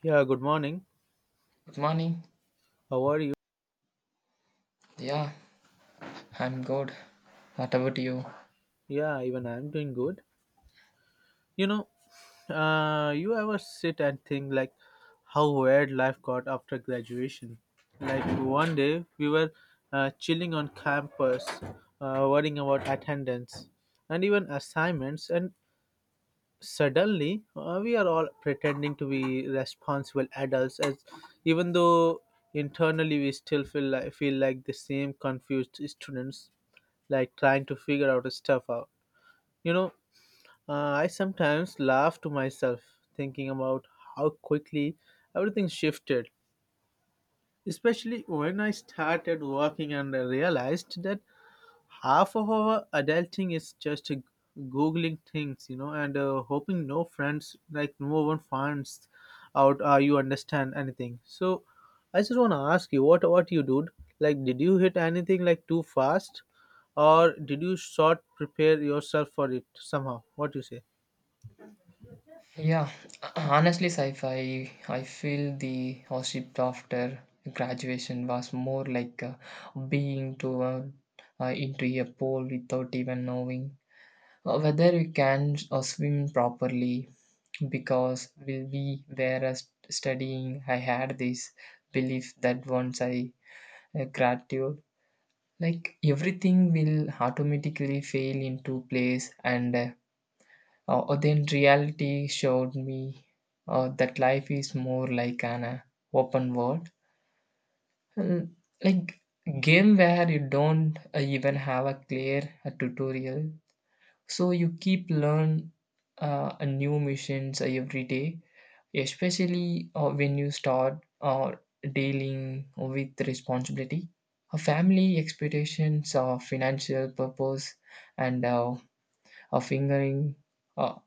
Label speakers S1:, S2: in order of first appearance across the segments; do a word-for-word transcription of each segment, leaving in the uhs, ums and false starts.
S1: Yeah, good morning.
S2: Good morning.
S1: How are you?
S2: Yeah, I'm good. What about you?
S1: Yeah, even I'm doing good. You know, uh, you ever sit and think like how weird life got after graduation? Like one day we were uh, chilling on campus, uh, worrying about attendance and even assignments, and suddenly uh, we are all pretending to be responsible adults as even though internally we still feel like feel like the same confused students, like trying to figure out stuff out you know uh, I sometimes laugh to myself thinking about how quickly everything shifted, especially when I started working and I realized that half of our adulting is just uh, googling things, you know, and uh, hoping no friends, like no one finds out uh, you understand anything. So I just want to ask you what what you did, like did you hit anything like too fast, or did you sort prepare yourself for it somehow? What do you say?
S2: Yeah, honestly, Saif, I, I feel the hardship after graduation was more like uh, being thrown uh, into a pool without even knowing uh, whether you can uh, swim properly because we, we were uh, st- studying. I had this belief that once I uh, graduate, like everything will automatically fail into place and uh, Uh, uh, then reality showed me uh, that life is more like an uh, open world, Uh, like game where you don't uh, even have a clear uh, tutorial. So you keep learn uh, a new missions uh, every day, especially uh, when you start uh, dealing with responsibility, a family expectations, uh, financial purpose, and uh, a fingering uh,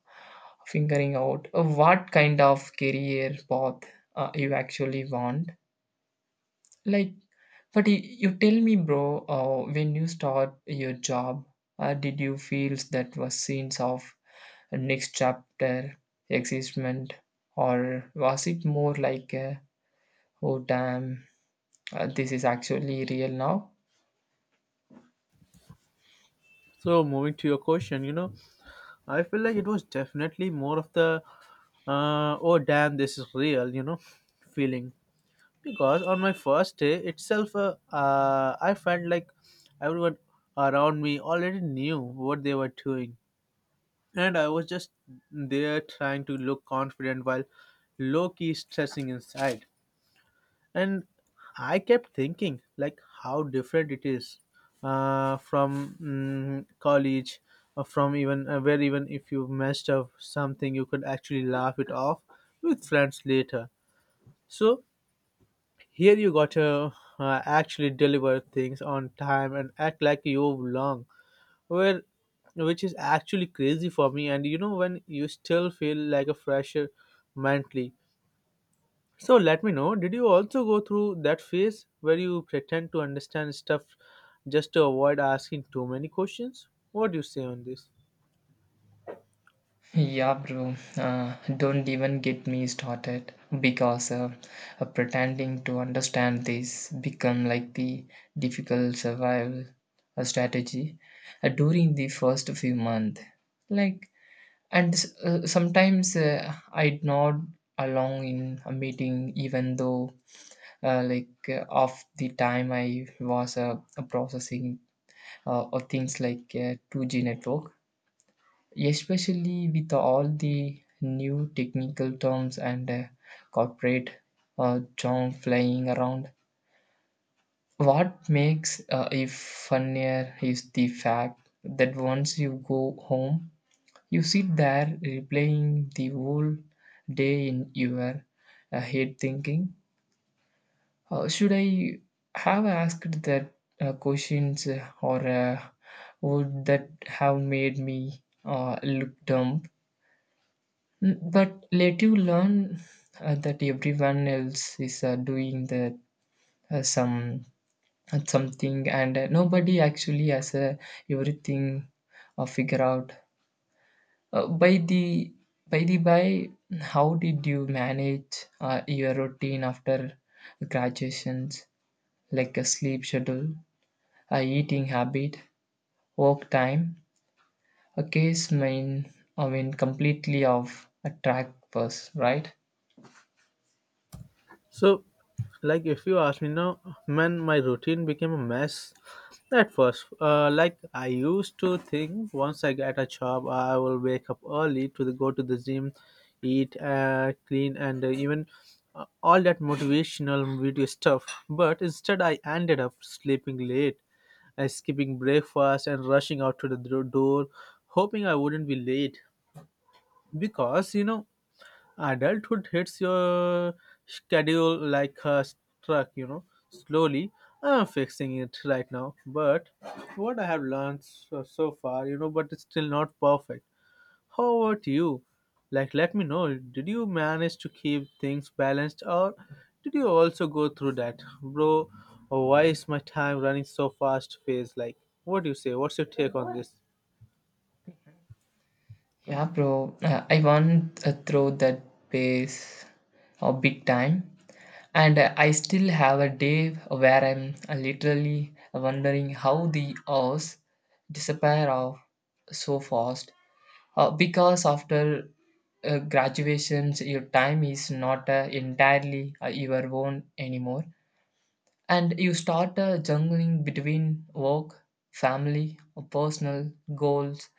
S2: figuring out uh, what kind of career path uh, you actually want. Like, but you, you tell me, bro, uh, when you start your job, uh, did you feel that was scenes of next chapter existment, or was it more like, uh, oh damn, uh, this is actually real now?
S1: So moving to your question, you know, I feel like it was definitely more of the uh, oh damn, this is real, you know, feeling, because on my first day itself uh, uh, I felt like everyone around me already knew what they were doing and I was just there trying to look confident while low-key stressing inside. And I kept thinking like how different it is uh, from mm, college, or from even uh, where even if you messed up something you could actually laugh it off with friends later. So here you gotta uh, actually deliver things on time and act like you belong. Well, which is actually crazy for me. And you know, when you still feel like a fresher mentally. So let me know, did you also go through that phase where you pretend to understand stuff just to avoid asking too many questions? What do you say on this?
S2: Yeah, bro. Uh, don't even get me started because uh, uh, pretending to understand this become like the difficult survival uh, strategy uh, during the first few months. Like, and s- uh, sometimes uh, I nod along in a meeting, even though uh, like uh, of the time I was uh, processing uh, or things like uh, two G network, especially with all the new technical terms and uh, corporate uh, jargon flying around. What makes uh, it funnier is the fact that once you go home, you sit there replaying the whole day in your uh, head, thinking, uh, "Should I have asked that uh, questions, uh, or uh, would that have made me uh, look dumb?" Mm, But let you learn uh, that everyone else is uh, doing the uh, some uh, something, and uh, nobody actually has uh, everything uh, figure out. Uh, by the by the by, how did you manage uh, your routine after graduations, like a sleep schedule, a eating habit, work time? A case main, I mean, completely off a track was right.
S1: So, like, if you ask me now, man, my routine became a mess at first. Uh, like, I used to think once I get a job, I will wake up early to the, go to the gym, eat, uh, clean, and uh, even uh, all that motivational video stuff. But instead, I ended up sleeping late, uh, skipping breakfast, and rushing out to the dro- door, hoping I wouldn't be late. Because, you know, adulthood hits your schedule like a truck, you know, slowly. I'm fixing it right now, but what I have learned so, so far, you know, but it's still not perfect. How about you? Like, let me know, did you manage to keep things balanced, or did you also go through that, bro, why is my time running so fast phase? Like what do you say, what's your take on this?
S2: Yeah, bro. Uh, I want uh, throw that pace a big time, and uh, I still have a day where I'm uh, literally wondering how the hours disappear off so fast. Uh, because after uh, graduations, your time is not uh, entirely uh, your own anymore, and you start uh, jungling between work, family, uh, personal goals,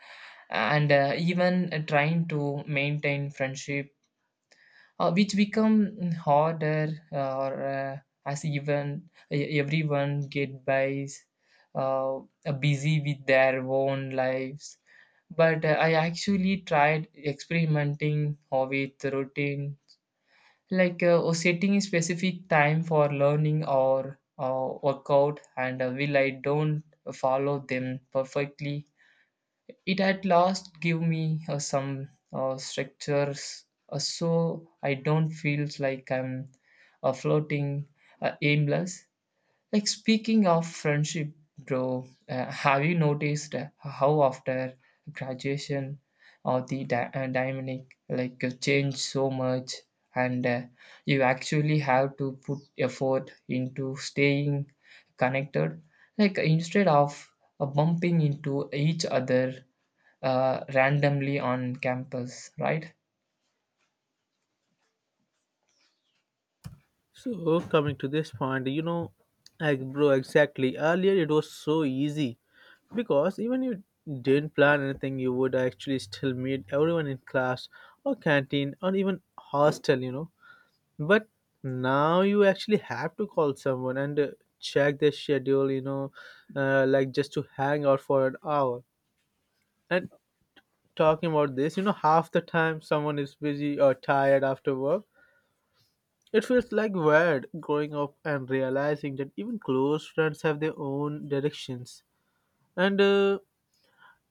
S2: and uh, even uh, trying to maintain friendship uh, which become harder uh, or uh, as even e- everyone get by uh, busy with their own lives, but uh, I actually tried experimenting uh, with routine, like uh, or setting specific time for learning or uh, workout, and uh, will I don't follow them perfectly, it at last gave me uh, some uh, structures uh, so I don't feel like I'm uh, floating uh, aimless. Like, speaking of friendship, bro, uh, have you noticed how after graduation or the dy- uh, dynamic like uh, change so much, and uh, you actually have to put effort into staying connected, like instead of uh, bumping into each other uh, randomly on campus, right?
S1: So coming to this point, you know, like bro, exactly. Earlier it was so easy because even you didn't plan anything, you would actually still meet everyone in class or canteen or even hostel, you know. But now you actually have to call someone and uh, check their schedule, you know, uh, like just to hang out for an hour. And talking about this, you know, half the time someone is busy or tired after work, it feels like weird growing up and realizing that even close friends have their own directions, and uh,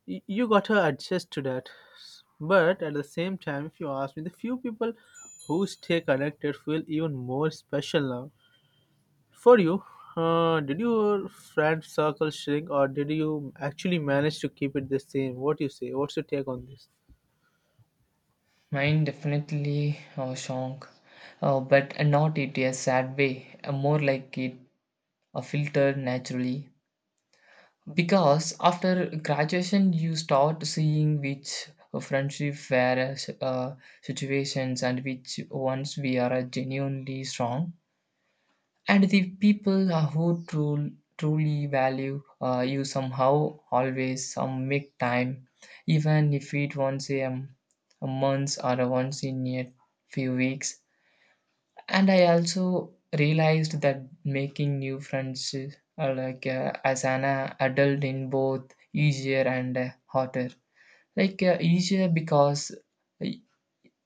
S1: y- you gotta adjust to that. But at the same time, if you ask me, the few people who stay connected feel even more special now. For you, uh, did your friend circle shrink, or did you actually manage to keep it the same? What do you say? What's your take on this?
S2: Mine definitely uh, shock, uh, but not in a sad way, uh, more like it uh, filtered naturally. Because after graduation, you start seeing which friendship were uh, situations and which ones we are genuinely strong, and the people uh, who tru- truly value uh, you somehow always um, make time even if it once a, um, a month or a once in a few weeks. And I also realized that making new friends uh, like uh, as an uh, adult in both easier and uh, harder, like uh, easier because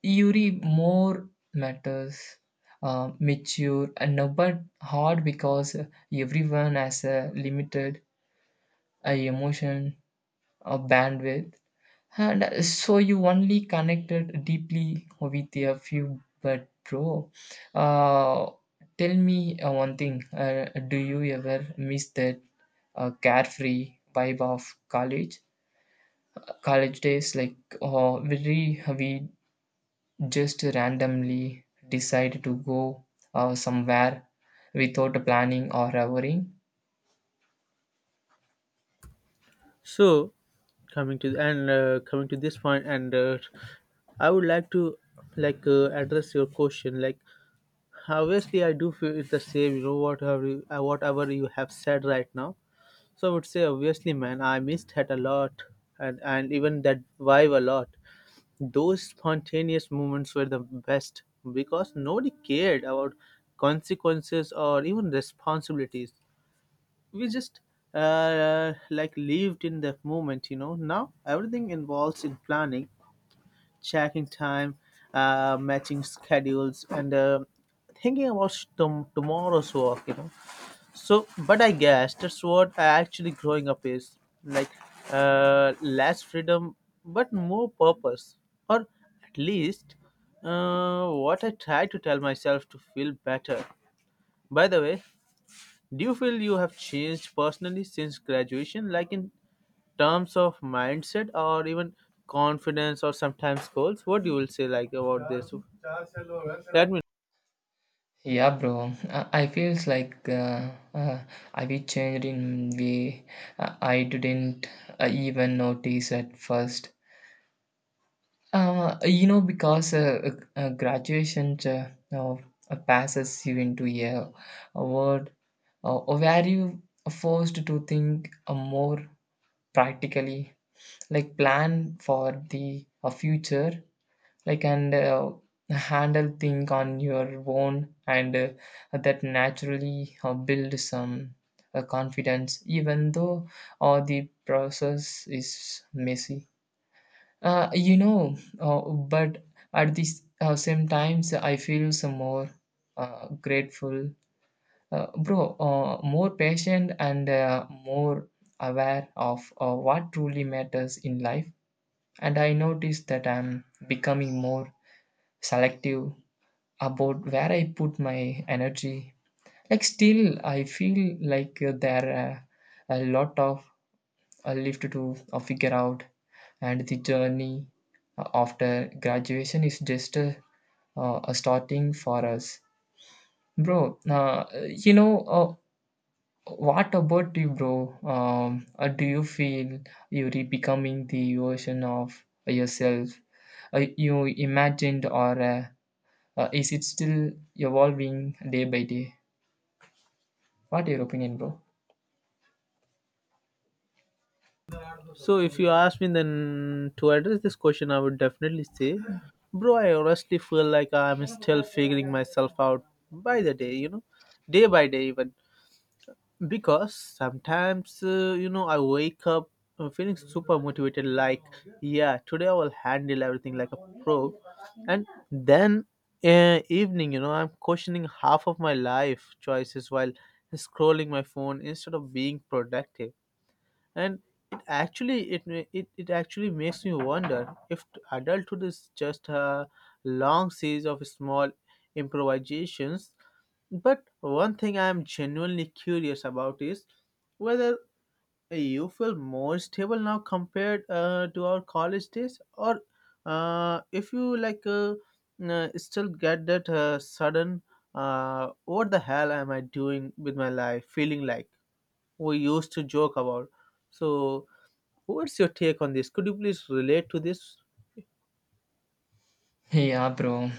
S2: Yuri more matters, uh, mature, and now but hard because everyone has a limited uh, emotion or bandwidth, and uh, so you only connected deeply with a few. But bro, uh, tell me uh, one thing: uh, do you ever miss that uh, carefree vibe of college, college days? Like, uh, very we just randomly decide to go uh, somewhere without planning or worrying.
S1: So coming to and uh, coming to this point, and uh, I would like to like uh, address your question. Like obviously, I do feel it's the same. You know whatever you, uh, whatever you have said right now. So I would say obviously, man, I missed that a lot, and and even that vibe a lot. Those spontaneous moments were the best because nobody cared about consequences or even responsibilities. We just uh, like lived in that moment, you know. Now everything involves in planning, checking time, uh, matching schedules, and uh, thinking about tom- tomorrow's work, you know. So but I guess that's what I actually growing up is like, uh, less freedom but more purpose, or at least uh, what I try to tell myself to feel better. By the way, do you feel you have changed personally since graduation, like in terms of mindset, or even confidence, or sometimes goals? What you will say like about this? Let me.
S2: Yeah, bro. Uh, I feels like uh, uh, I be changed in way uh, I didn't uh, even notice at first. Uh, you know, because uh, uh, uh, graduation uh, uh, passes you into a, a world uh, where you are forced to think uh, more practically, like plan for the uh, future like, and uh, handle thing on your own, and uh, that naturally uh, build some uh, confidence even though uh, the process is messy, uh, you know, uh, but at the uh, same times I feel some more uh, grateful, uh, bro, uh, more patient and uh, more aware of uh, what truly matters in life, and I notice that I'm becoming more selective about where I put my energy. Like, still, I feel like uh, there are a lot of uh, left to uh, figure out, and the journey uh, after graduation is just a, uh, a starting for us, bro. Uh, you know. Uh, what about you, bro? Um, uh, do you feel you're becoming the version of yourself uh, you imagined, or uh, uh, is it still evolving day by day? What your opinion, bro?
S1: So if you ask me then to address this question, I would definitely say, bro, I honestly feel like I'm still figuring myself out by the day, you know, day by day even. Because sometimes, uh, you know, I wake up uh, feeling super motivated like, yeah, today I will handle everything like a pro. And then uh, evening, you know, I'm questioning half of my life choices while scrolling my phone instead of being productive. And it actually it ma- it, it actually makes me wonder if t- adulthood is just a long series of small improvisations. But one thing I am genuinely curious about is whether you feel more stable now compared uh, to our college days, or uh, if you like uh, uh, still get that uh, sudden uh, what the hell am I doing with my life feeling like we used to joke about. So what's your take on this? Could you please relate to this?
S2: Yeah, bro.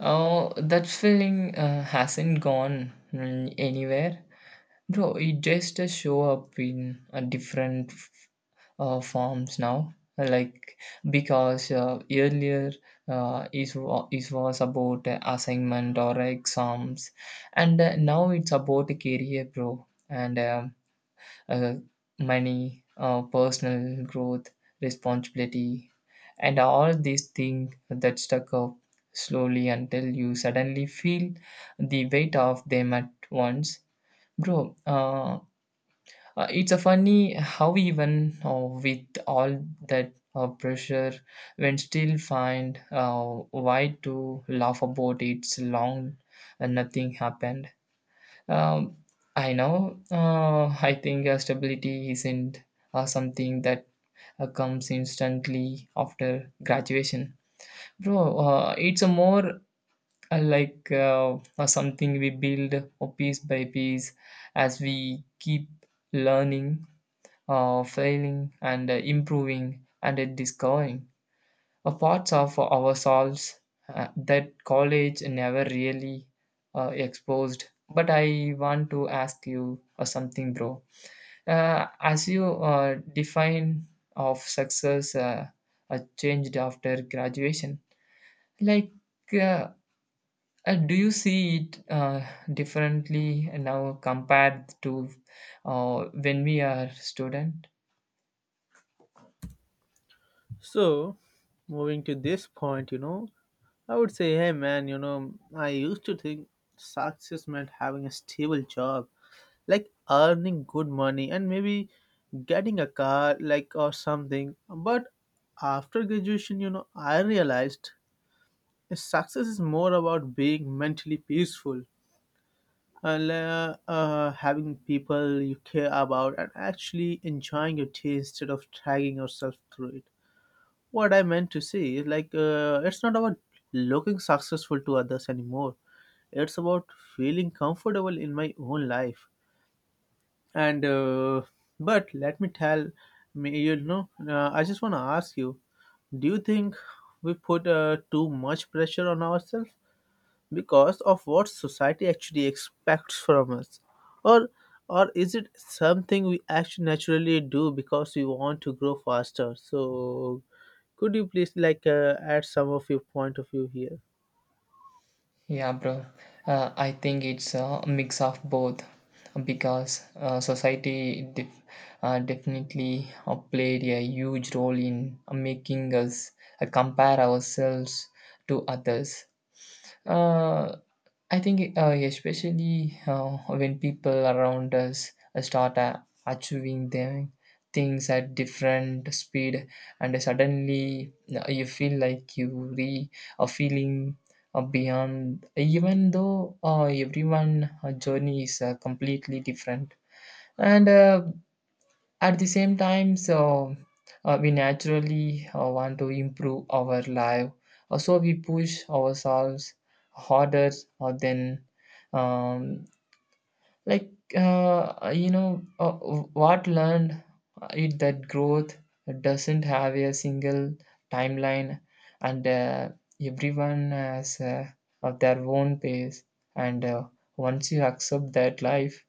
S2: Oh, that feeling uh, hasn't gone mm, anywhere, bro. It just uh, show up in uh, different f- uh, forms now. Like, because uh, earlier uh, it, wa- it was about uh, assignment or exams, and uh, now it's about career, bro. And um, uh, money, uh, personal growth, responsibility, and all these things that stuck up slowly until you suddenly feel the weight of them at once. Bro, uh, uh, it's a funny how even uh, with all that uh, pressure, when still find uh, why to laugh about it's long and nothing happened. Um, I know. Uh, I think uh, stability isn't uh, something that uh, comes instantly after graduation, bro. Uh, it's a more uh, like uh, uh, something we build uh, piece by piece as we keep learning, uh, failing, and uh, improving and uh, discovering. A parts of ourselves uh, that college never really uh, exposed. But I want to ask you uh, something, bro. Uh, as you uh, define of success uh, uh, changed after graduation, like uh, uh, do you see it uh, differently now compared to uh, when we are student?
S1: So, moving to this point, you know, I would say, hey man, you know, I used to think success meant having a stable job, like earning good money and maybe getting a car, like, or something. But after graduation, you know, I realized success is more about being mentally peaceful, and uh, uh, having people you care about and actually enjoying your tea instead of dragging yourself through it. What I meant to say is like, uh, it's not about looking successful to others anymore. It's about feeling comfortable in my own life. And uh, but let me tell me, you know, uh, I just want to ask you: do you think we put uh, too much pressure on ourselves because of what society actually expects from us, or or is it something we actually naturally do because we want to grow faster? So could you please like uh, add some of your point of view here?
S2: Yeah, bro. Uh, I think it's a mix of both, because uh, society def- uh, definitely uh, played a huge role in making us uh, compare ourselves to others. Uh, I think, uh, especially uh, when people around us uh, start uh, achieving them things at different speed, and suddenly uh, you feel like you re are feeling uh, beyond, even though uh, everyone uh, journey is uh, completely different. And uh, at the same time, so uh, we naturally uh, want to improve our life. Uh, so we push ourselves harder uh, than um, like uh, you know, uh, what learned uh, it that growth doesn't have a single timeline, and uh, everyone has uh, of their own pace. And uh, once you accept that life,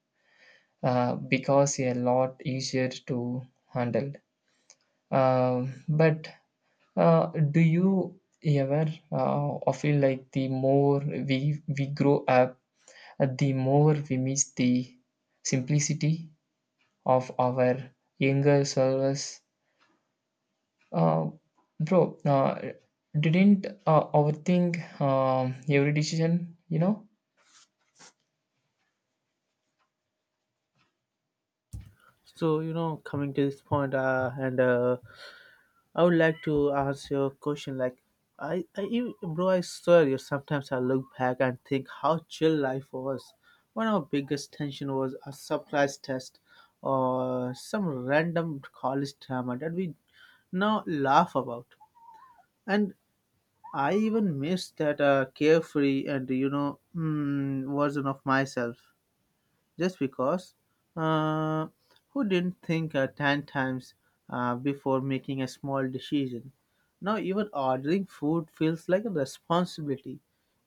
S2: uh, because a lot easier to handle. Um, but uh, do you ever uh, or feel like the more we we grow up, uh, the more we miss the simplicity of our younger selves? Uh, Bro, uh, didn't uh, overthink um, every decision, you know?
S1: So you know, coming to this point, uh, and uh, I would like to ask you a question. Like, I, I, you- bro, I swear you. Sometimes I look back and think how chill life was. One of our biggest tension was a surprise test or some random college drama that we now laugh about. And I even miss that uh, carefree and, you know, mm, version of myself just because. Uh, who didn't think uh, ten times uh, before making a small decision? Now, even ordering food feels like a responsibility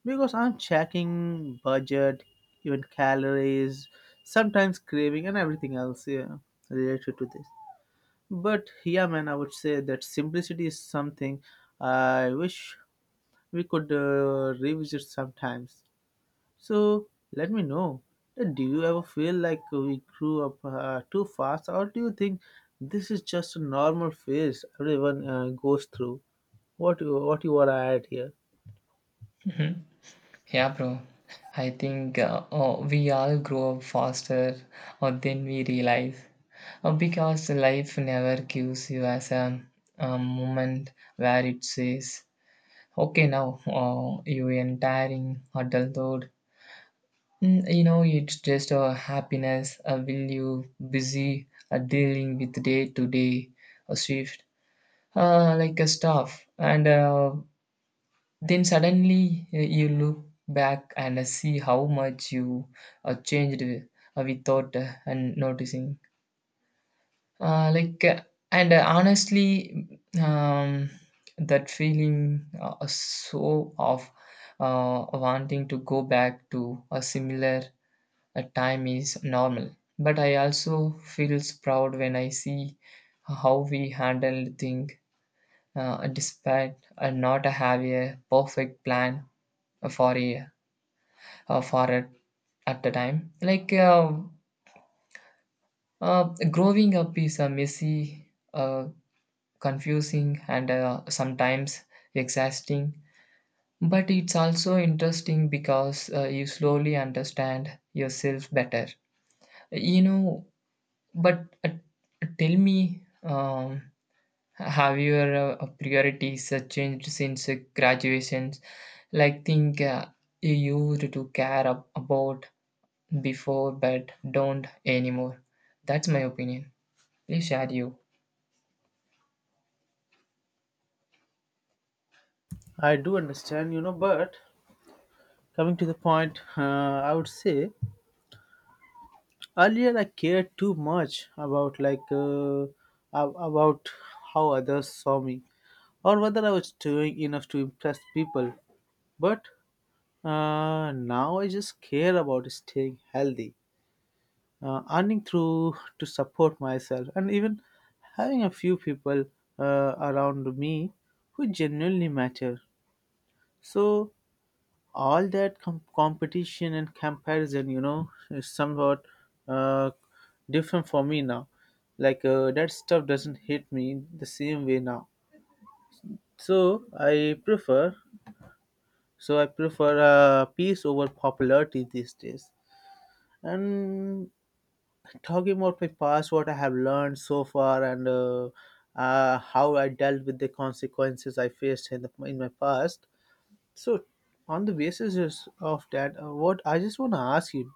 S1: because I'm checking budget, even calories, sometimes craving, and everything else, yeah, related to this. But yeah, man, I would say that simplicity is something I wish we could uh, revisit sometimes. So let me know. That Do you ever feel like we grew up uh, too fast, or do you think this is just a normal phase everyone uh, goes through? What you, what you are at here?
S2: Mhm. Yeah, bro. I think uh, uh, we all grow up faster or then we realize. Uh, because life never gives you as a, a moment where it says, okay, now uh, you entering adulthood. Mm, You know, it's just a happiness. Uh, will you busy uh, dealing with day to day a shift, uh, like a stuff, and uh, then suddenly uh, you look back and uh, see how much you uh, changed uh, without uh, and noticing. Uh, like, uh, and uh, honestly, um, that feeling uh, so of uh, wanting to go back to a similar uh, time is normal, but I also feels proud when I see how we handle things uh, despite uh, not have a perfect plan for a uh, for a at the time, like uh, uh, growing up is a messy, uh, confusing, and uh, sometimes exhausting, but it's also interesting because uh, you slowly understand yourself better, you know. But uh, tell me, um, have your uh, priorities uh, changed since uh, graduations? Like, think uh, you used to care ab- about before but don't anymore. That's my opinion. Please share you.
S1: I do understand, you know, but coming to the point, uh, I would say earlier I cared too much about like uh, ab- about how others saw me or whether I was doing enough to impress people. But uh, now I just care about staying healthy, uh, earning through to support myself, and even having a few people uh, around me who genuinely matter. So all that com- competition and comparison, you know, is somewhat uh, different for me now. Like uh, that stuff doesn't hit me the same way now. So i prefer so i prefer uh, peace over popularity these days. And talking about my past, what I have learned so far, and uh, uh, how I dealt with the consequences I faced in, the, in my past. So, on the basis is- of that, uh, what I just want to ask you,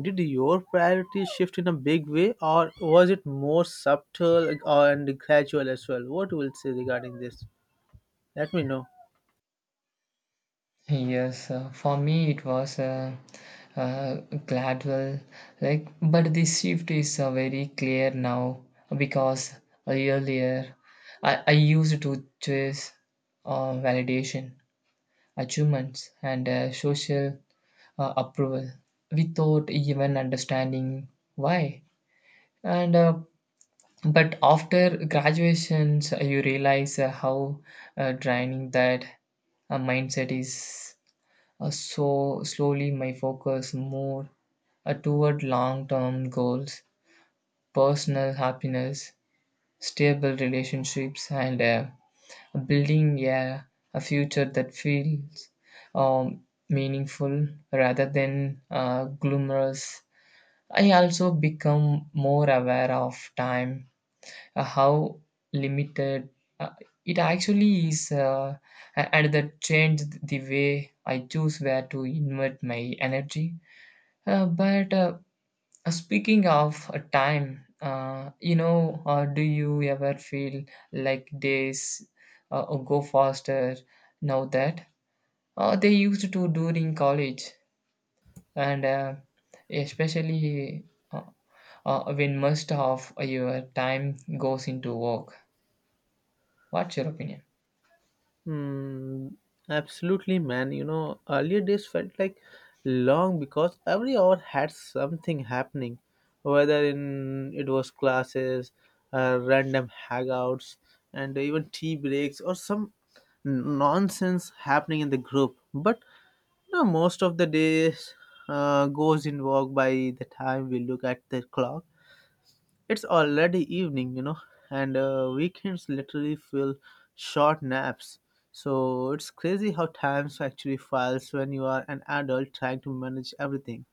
S1: did your priorities shift in a big way, or was it more subtle uh, and gradual as well? What will say regarding this? Let me know.
S2: Yes, uh, for me it was uh, uh, gradual, like, but the shift is uh, very clear now because earlier I, I used to chase uh, validation, achievements, and uh, social uh, approval without even understanding why. And uh, but after graduations, you realize uh, how uh, draining that uh, mindset is, uh, so slowly my focus moved uh, toward long-term goals, personal happiness, stable relationships, and uh, building a, a future that feels um, meaningful rather than uh, glamorous. I also become more aware of time, uh, how limited uh, it actually is, uh, a- and that changed the way I choose where to invest my energy. Uh, but uh, speaking of uh, time, uh, you know, uh, do you ever feel like days uh, go faster now that uh, they used to during college, and uh, especially uh, uh, when most of your time goes into work? What's your opinion?
S1: Hmm, absolutely, man. You know, earlier days felt like long because every hour had something happening, whether in it was classes, uh, random hangouts, and even tea breaks or some n- nonsense happening in the group. But you know, most of the days uh, goes in work. By the time we look at the clock it's already evening, you know, and uh, weekends literally feel short naps. So it's crazy how time actually flies when you are an adult trying to manage everything.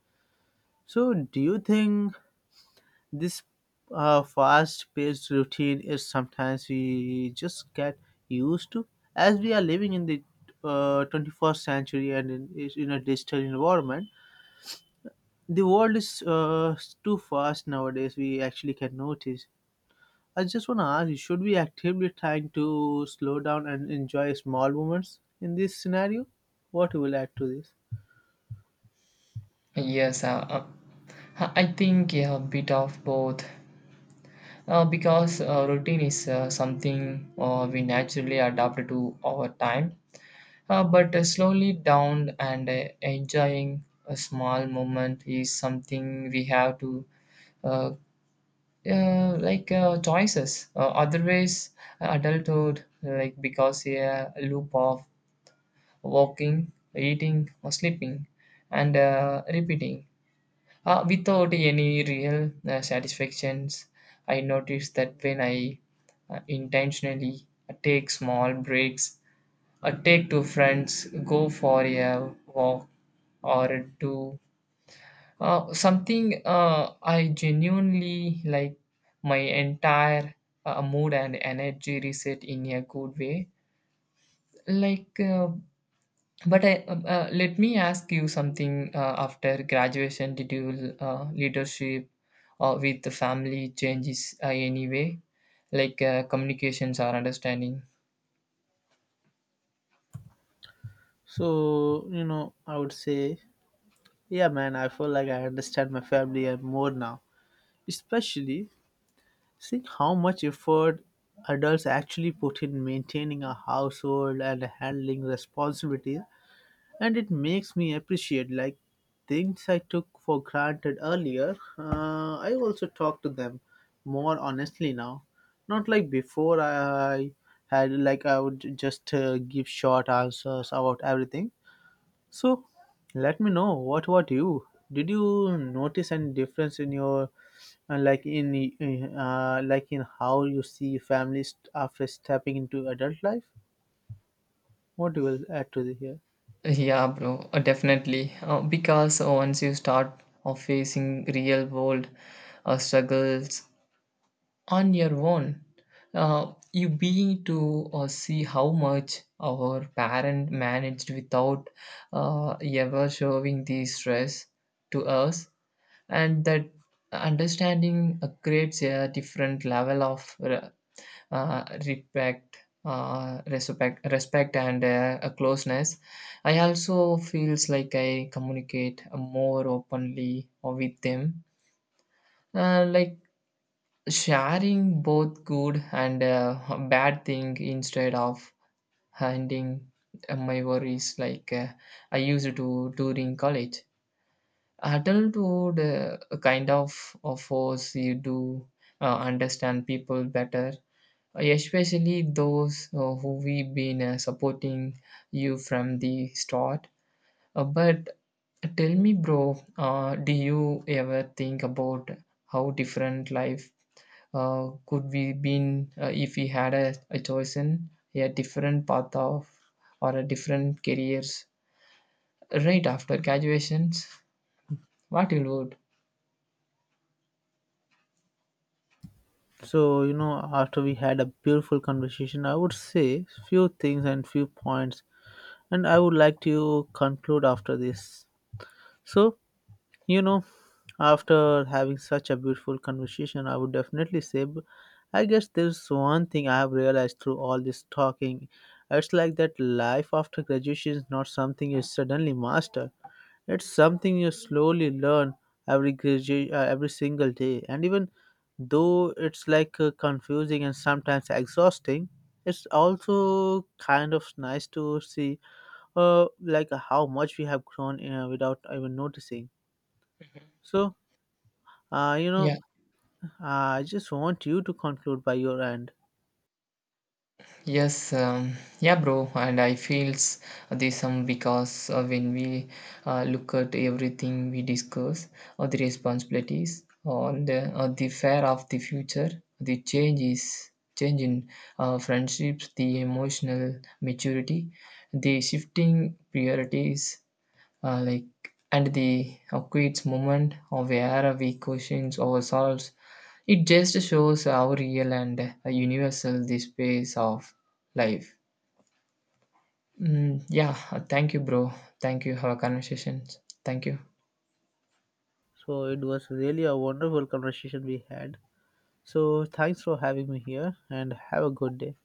S1: So do you think this uh, fast-paced routine is sometimes we just get used to, as we are living in the uh, twenty-first century, and in, is in a digital environment? The world is uh, too fast nowadays. We actually can notice. I just want to ask you, should we actively trying to slow down and enjoy small moments in this scenario? What you will add to this?
S2: Yes, uh, uh, I think, yeah, a bit of both. Uh, because uh, routine is uh, something uh, we naturally adapt to over time. Uh, but uh, slowly down and uh, enjoying a small moment is something we have to uh, uh, like uh, choices. Uh, otherwise, adulthood, like, because a loop of walking, eating, or sleeping, and uh, repeating uh, without any real uh, satisfactions. I noticed that when I uh, intentionally take small breaks, uh, take two friends, go for a walk, or do uh, something uh, I genuinely like. My entire uh, mood and energy reset in a good way. Like, uh, but I, uh, uh, let me ask you something. Uh, after graduation, did you uh, leadership uh, with the family changes uh, anyway, like uh, communications or understanding?
S1: So, you know, I would say, yeah, man, I feel like I understand my family and more now, especially seeing how much effort adults actually put in maintaining a household and handling responsibilities. And it makes me appreciate like things I took for granted earlier. uh, I also talk to them more honestly now, not like before. I had like I would just uh, give short answers about everything. So let me know, what about you? Did you notice any difference in your uh, like in uh, like in how you see families after stepping into adult life? What do you will add to the here?
S2: Yeah, bro, uh, definitely. Uh, because uh, once you start uh, facing real world uh, struggles on your own, uh, you begin to uh, see how much our parent managed without uh, ever showing the stress to us, and that understanding uh, creates a different level of re- uh, respect, uh, respect, respect, and uh, a closeness. I also feels like I communicate more openly with them, uh, like sharing both good and uh, bad thing instead of hiding uh, my worries like uh, I used to during college. Adulthood uh, kind of, of force you to uh, understand people better. Uh, especially those uh, who we've been uh, supporting you from the start. Uh, but tell me, bro, uh, do you ever think about how different life uh, could we been uh, if we had a, a chosen a different path of or a different careers right after graduations? What you would?
S1: So, you know, after we had a beautiful conversation, I would say few things and few points, and I would like to conclude after this. So, you know, after having such a beautiful conversation, I would definitely say, b- I guess there's one thing I have realized through all this talking. It's like that life after graduation is not something you suddenly master. It's something you slowly learn every gradu- uh, every single day, and even though it's like uh, confusing and sometimes exhausting, it's also kind of nice to see, uh, like how much we have grown uh, without even noticing. So, uh, you
S2: Yeah.
S1: know, I just want you to conclude by your end.
S2: Yes, um, yeah, bro, and I feels the same because uh, when we uh, look at everything we discuss, or the responsibilities, or the or the fear of the future, the changes, change in uh, friendships, the emotional maturity, the shifting priorities, uh, like, and the acquiesce moment of where we questions ourselves, it just shows how real and uh, universal the space of life. Mm, yeah, thank you, bro. Thank you for our conversations. Thank you.
S1: So it was really a wonderful conversation we had. So thanks for having me here, and have a good day.